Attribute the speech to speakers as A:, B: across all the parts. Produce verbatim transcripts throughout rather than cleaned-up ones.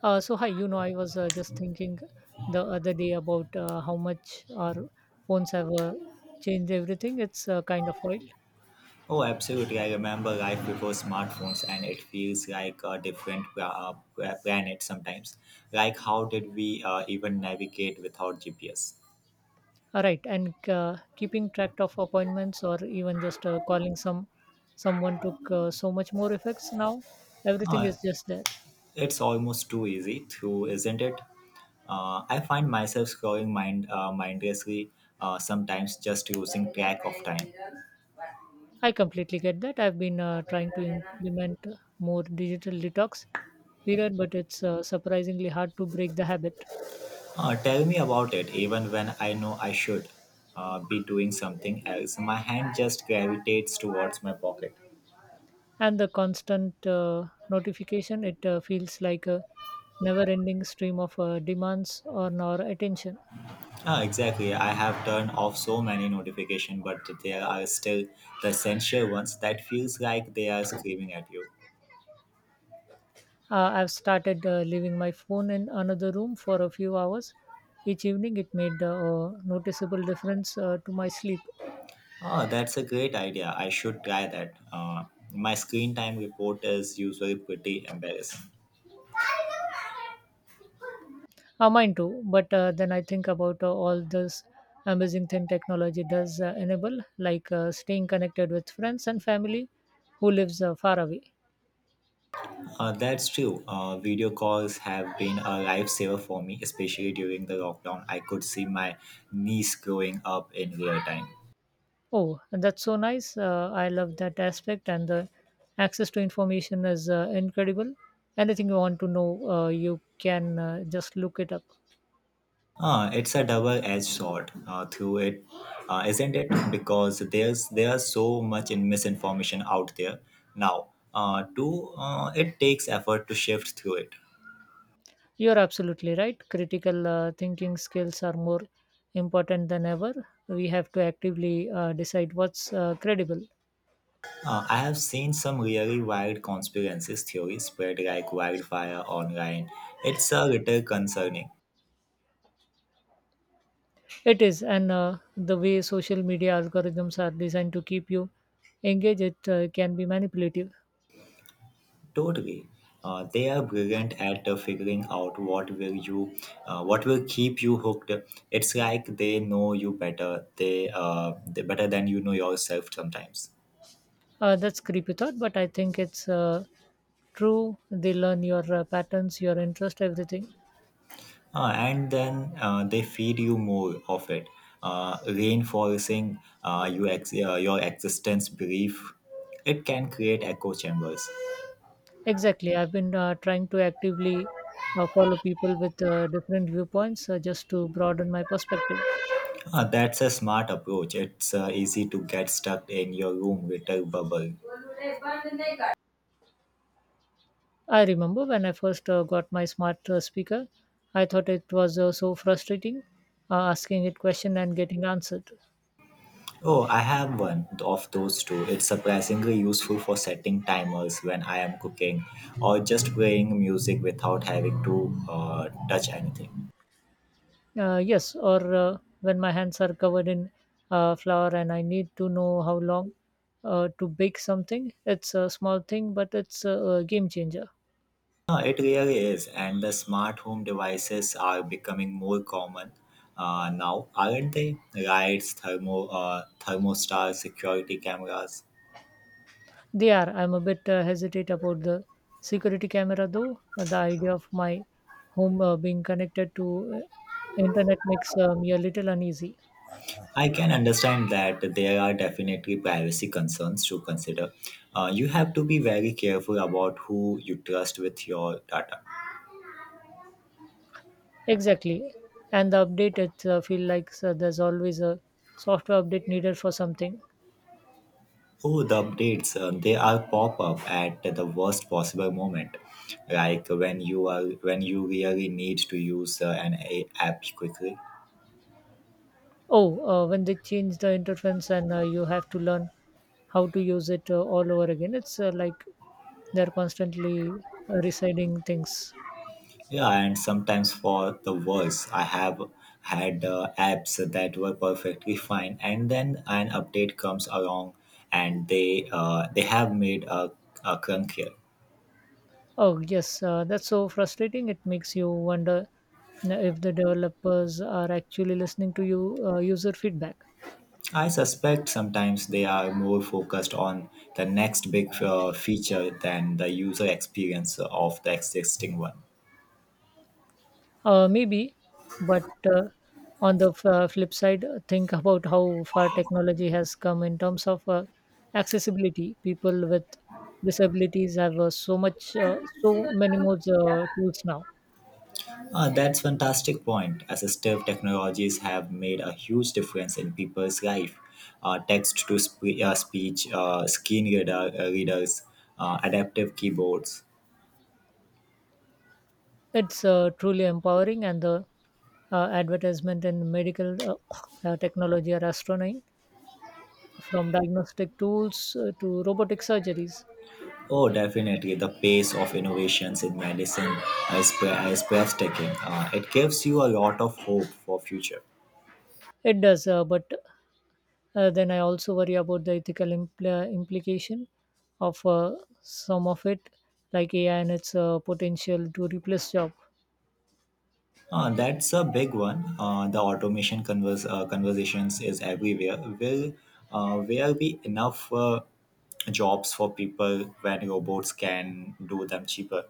A: Uh, so hi, you know, I was uh, just thinking the other day about uh, how much our phones have uh, changed everything. It's uh, kind of wild.
B: Oh, absolutely. I remember life before smartphones, and it feels like a different uh, planet sometimes. Like, how did we uh, even navigate without G P S?
A: All right? And uh, keeping track of appointments or even just uh, calling some someone took uh, so much more effects now. Everything
B: Uh,
A: is just there.
B: it's almost too easy, too, isn't it? Uh, I find myself scrolling mind, uh, mindlessly, uh, sometimes just losing track of time.
A: I completely get that. I've been uh, trying to implement more digital detox period, but it's uh, surprisingly hard to break the habit.
B: Uh, tell me about it, even when I know I should uh, be doing something else. My hand just gravitates towards my pocket.
A: and the constant uh, notification, it uh, feels like a never ending stream of uh, demands on our attention.
B: Ah, exactly. I have turned off so many notifications, but there are still the essential ones that feels like they are screaming at you.
A: Uh, i've started uh, leaving my phone in another room for a few hours each evening. It made uh, a noticeable difference uh, to my sleep.
B: Oh, that's a great idea. I should try that. Uh, my screen time report is usually pretty embarrassing.
A: Uh, mine too, but uh, then I think about uh, all this amazing thing technology does uh, enable, like uh, staying connected with friends and family who lives uh, far away.
B: Uh, that's true. Uh, video calls have been a lifesaver for me, especially during the lockdown. I could see my niece growing up in real time.
A: Oh, that's so nice. Uh, I love that aspect, and the access to information is uh, incredible. Anything you want to know, uh, you can uh, just look it up.
B: Ah, it's a double-edged sword, uh, through it, uh, isn't it? Because there's there's so much in misinformation out there now. Uh, to uh, It takes effort to shift through it.
A: You're absolutely right. Critical uh, thinking skills are more important than ever. We have to actively uh, decide what's uh, credible.
B: Uh, I have seen some really wild conspiracies theories spread like wildfire online. It's a little concerning.
A: It is, and uh, the way social media algorithms are designed to keep you engaged, it uh, can be manipulative.
B: Totally. Uh, they are brilliant at uh, figuring out what will you, uh, what will keep you hooked. It's like they know you better. They, uh, they better than you know yourself sometimes.
A: Uh, that's creepy thought, but I think it's uh, true. They learn your uh, patterns, your interest, everything.
B: Uh, and then uh, they feed you more of it, uh, reinforcing uh, you ex- uh, your existence belief. It can create echo chambers.
A: Exactly. I've been uh, trying to actively uh, follow people with uh, different viewpoints uh, just to broaden my perspective.
B: Uh, that's a smart approach. It's uh, easy to get stuck in your room little bubble.
A: I remember when I first uh, got my smart uh, speaker. I thought it was uh, so frustrating uh, asking it question and getting answered.
B: Oh, I have one of those too. It's surprisingly useful for setting timers when I am cooking or just playing music without having to uh, touch anything.
A: Uh, yes, or uh, when my hands are covered in uh, flour and I need to know how long uh, to bake something. It's a small thing, but it's a, a game changer.
B: No, it really is, and the smart home devices are becoming more common uh, now, aren't they? Lights, thermo, uh, thermostats, security cameras.
A: They are. I'm a bit uh, hesitate about the security camera though. Uh, The idea of my home uh, being connected to uh, internet makes uh, me a little uneasy.
B: I can understand that there are definitely privacy concerns to consider. Uh, you have to be very careful about who you trust with your data.
A: Exactly, and the update, it uh, feel like uh, there's always a software update needed for something.
B: Oh, the updates, uh, they are pop up at the worst possible moment. Like when you are when you really need to use uh, an a- app quickly.
A: Oh, uh, when they change the interface and uh, you have to learn how to use it uh, all over again, it's uh, like they're constantly uh, residing things.
B: Yeah, and sometimes for the worse, I have had uh, apps that were perfectly fine, and then an update comes along, and they uh, they have made a, a crunkier.
A: Oh, yes, uh, that's so frustrating. It makes you wonder uh, if the developers are actually listening to you uh, user feedback.
B: I suspect sometimes they are more focused on the next big uh, feature than the user experience of the existing one.
A: Uh, maybe, but uh, on the f- uh, flip side, uh, think about how far technology has come in terms of uh, accessibility. People with disabilities have uh, so much, uh, so many more uh, tools now.
B: Uh, that's fantastic point. Assistive technologies have made a huge difference in people's life. Uh, text to spe- uh, speech, uh, screen reader, uh, readers, uh, adaptive keyboards.
A: It's uh, truly empowering, and the uh, advertisement in medical uh, uh, technology are astronaut from diagnostic tools uh, to robotic surgeries.
B: Oh, definitely. The pace of innovations in medicine is, pre- is breathtaking. Uh, it gives you a lot of hope for future.
A: It does, uh, but Uh, then I also worry about the ethical impl- implication of uh, some of it, like A I and its uh, potential to replace job.
B: Uh, that's a big one. Uh, the automation converse, uh, conversations is everywhere. Will uh, will be enough uh, jobs for people when robots can do them cheaper?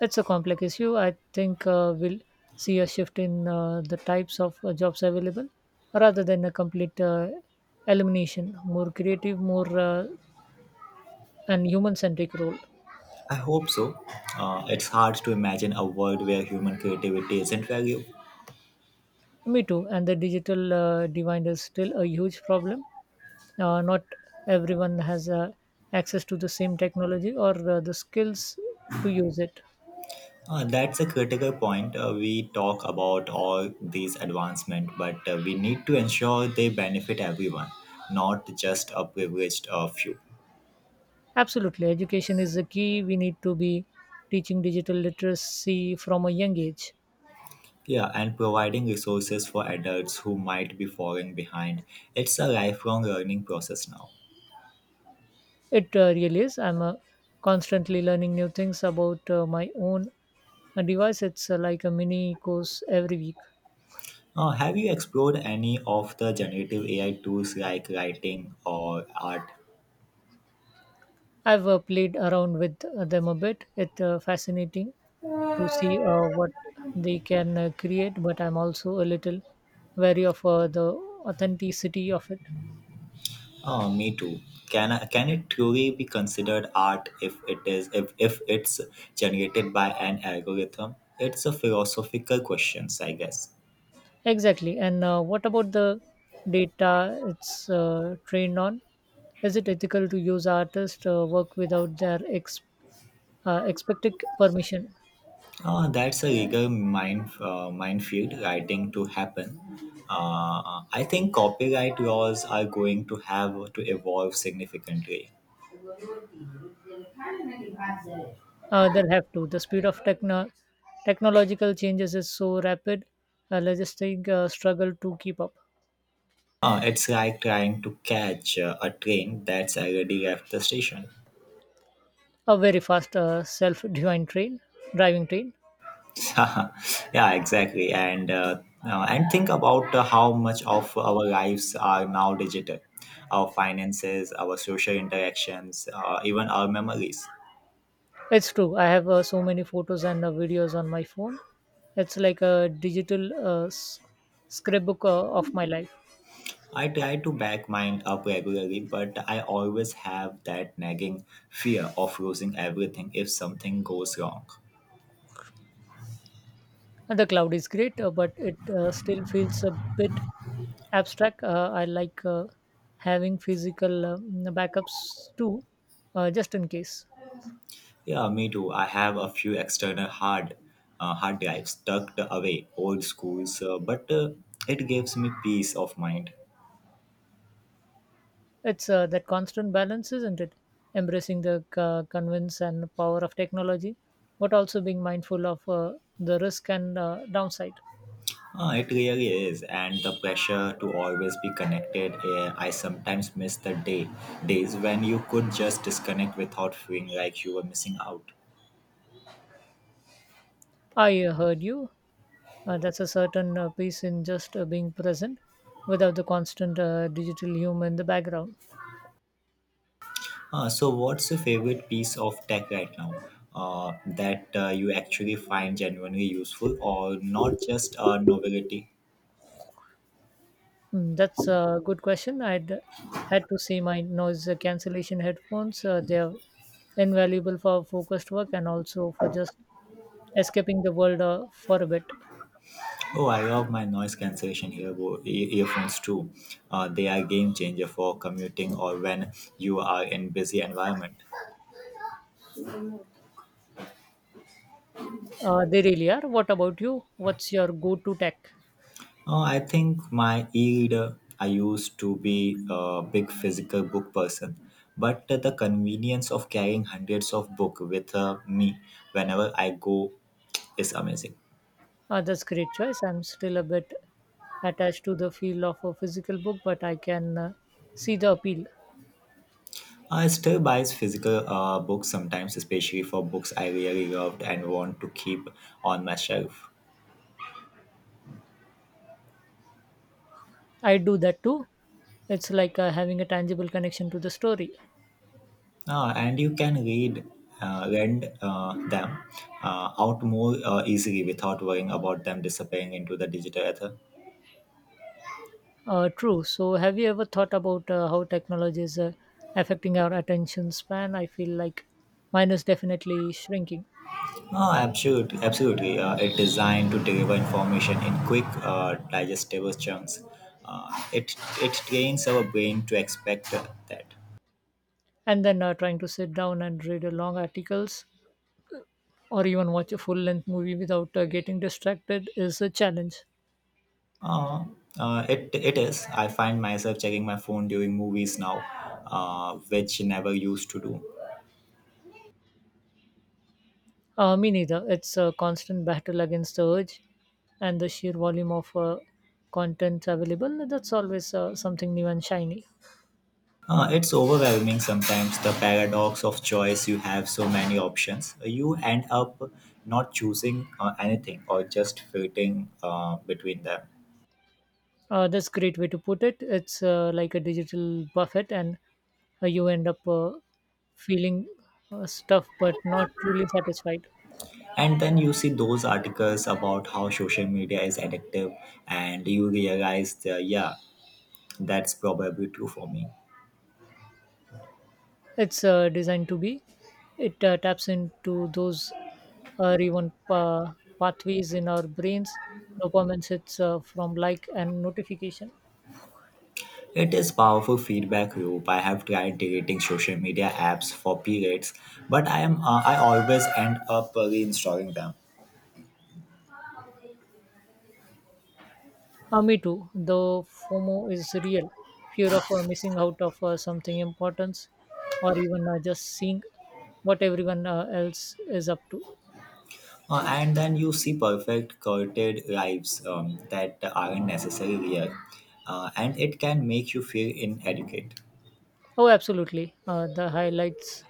A: It's a complex issue. I think uh, we'll see a shift in uh, the types of uh, jobs available, rather than a complete uh, elimination. More creative, more uh, and human-centric role.
B: I hope so. Uh, it's hard to imagine a world where human creativity isn't valued.
A: Me too. And the digital uh, divide is still a huge problem. Uh, not everyone has uh, access to the same technology or uh, the skills to use it.
B: Uh, that's a critical point. Uh, we talk about all these advancements, but uh, we need to ensure they benefit everyone, not just a privileged uh, few.
A: Absolutely. Education is the key. We need to be teaching digital literacy from a young age.
B: Yeah, and providing resources for adults who might be falling behind. It's a lifelong learning process now.
A: It uh, really is. I'm uh, constantly learning new things about uh, my own uh, device. It's uh, like a mini course every week.
B: Uh, have you explored any of the generative A I tools like writing or art?
A: I've uh, played around with uh, them a bit. It's uh, fascinating to see uh, what they can uh, create, but I'm also a little wary of uh, the authenticity of it.
B: Oh, me too. Can I, can it truly be considered art if it is if, if it's generated by an algorithm? It's a philosophical question, I guess.
A: Exactly. And uh, what about the data it's uh, trained on? Is it ethical to use artists' uh, work without their ex- uh, expected permission?
B: Uh, that's a legal mine, uh, minefield writing to happen. Uh, I think copyright laws are going to have to evolve significantly.
A: Uh, they'll have to. The speed of techno- technological changes is so rapid, uh, logistics uh, struggle to keep up.
B: Uh, it's like trying to catch uh, a train that's already left the station.
A: A very fast uh, self-driving train, driving train.
B: Yeah, exactly. And uh, uh, and think about uh, how much of our lives are now digital. Our finances, our social interactions, uh, even our memories.
A: It's true. I have uh, so many photos and uh, videos on my phone. It's like a digital uh, s- scrapbook uh, of my life.
B: I try to back mine up regularly, but I always have that nagging fear of losing everything if something goes wrong.
A: And the cloud is great, uh, but it uh, still feels a bit abstract. Uh, I like uh, having physical um backups too, uh, just in case.
B: Yeah, me too. I have a few external hard uh, hard drives tucked away, old schools, uh, but uh, it gives me peace of mind.
A: It's uh, that constant balance, isn't it? Embracing the uh, convince and power of technology, but also being mindful of uh, the risk and uh, downside.
B: Uh, it really is, and the pressure to always be connected. Uh, I sometimes miss the day days when you could just disconnect without feeling like you were missing out.
A: I uh, heard you. Uh, that's a certain uh, piece in just uh, being present without the constant uh, digital human in the background.
B: Uh, so, what's your favorite piece of tech right now uh, that uh, you actually find genuinely useful or not just a novelty?
A: Hmm, that's a good question. I'd had to say my noise cancellation headphones. Uh, they're invaluable for focused work and also for just escaping the world uh, for a bit.
B: Oh, I love my noise cancellation earbo- ear- earphones too. Uh, they are game changer for commuting or when you are in busy environment.
A: Uh, they really are. What about you? What's your go-to tech?
B: Uh, I think my e-reader. I used to be a big physical book person, but the convenience of carrying hundreds of book with uh, me whenever I go is amazing.
A: Uh, that's great choice. I'm still a bit attached to the feel of a physical book, but I can uh, see the appeal.
B: I still buys physical uh, books sometimes, especially for books I really loved and want to keep on my shelf.
A: I do that too. It's like uh, having a tangible connection to the story.
B: Uh, and you can read, uh, lend uh, them uh, out more uh, easily without worrying about them disappearing into the digital ether.
A: Uh, true. So, have you ever thought about uh, how technology is uh, affecting our attention span? I feel like mine is definitely shrinking.
B: Oh, absolutely, absolutely. Uh, it's designed to deliver information in quick, uh, digestible chunks. Uh, it it trains our brain to expect that.
A: And then uh, trying to sit down and read a long articles or even watch a full length movie without uh, getting distracted is a challenge.
B: Uh, uh, it it is. I find myself checking my phone during movies now, uh, which never used to do.
A: Uh, me neither. It's a constant battle against the urge and the sheer volume of uh, content available. That's always uh, something new and shiny.
B: Uh, it's overwhelming sometimes. The paradox of choice. You have so many options. You end up not choosing uh, anything or just filtering uh, between them.
A: Uh, that's a great way to put it. It's uh, like a digital buffet, and uh, you end up uh, feeling uh, stuffed but not truly satisfied.
B: And then you see those articles about how social media is addictive, and you realize that yeah, that's probably true for me.
A: it's uh, designed to be. It uh, taps into those uh, reward pa- pathways in our brains, dopamine hits uh, from like and notification.
B: It is powerful feedback loop. I have tried deleting social media apps for periods, but I am uh, I always end up reinstalling them.
A: Uh, me too. The FOMO is real. Fear of uh, missing out of uh, something important, or even uh, just seeing what everyone uh, else is up to.
B: Uh, and then you see perfect curated lives um, that aren't necessarily real, uh, and it can make you feel inadequate.
A: Oh, absolutely. Uh, the highlights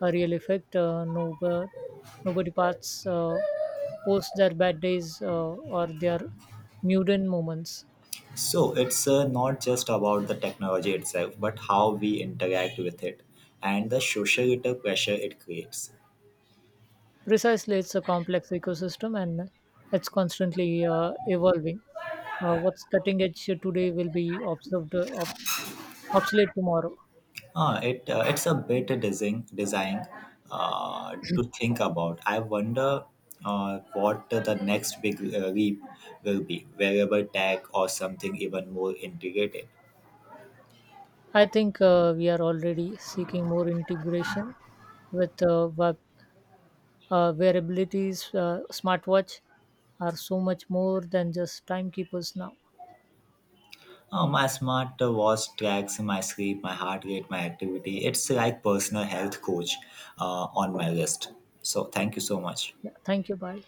A: a real effect. Uh, nobody, nobody parts uh, post their bad days uh, or their mundane moments.
B: So it's uh, not just about the technology itself, but how we interact with it and the social pressure it creates.
A: Precisely, it's a complex ecosystem and it's constantly uh, evolving. Uh, what's cutting edge today will be observed, uh, ob- obsolete tomorrow.
B: Uh, it uh, it's a bit design design uh, to think about. I wonder uh, what the next big uh, leap will be, wearable tech or something even more integrated.
A: I think uh, we are already seeking more integration with uh, web uh, wearabilities, uh, smartwatch are so much more than just timekeepers now.
B: Uh, my smart watch tracks my sleep, my heart rate, my activity. It's like personal health coach uh, on my list. So thank you so much.
A: Yeah, thank you. Bye.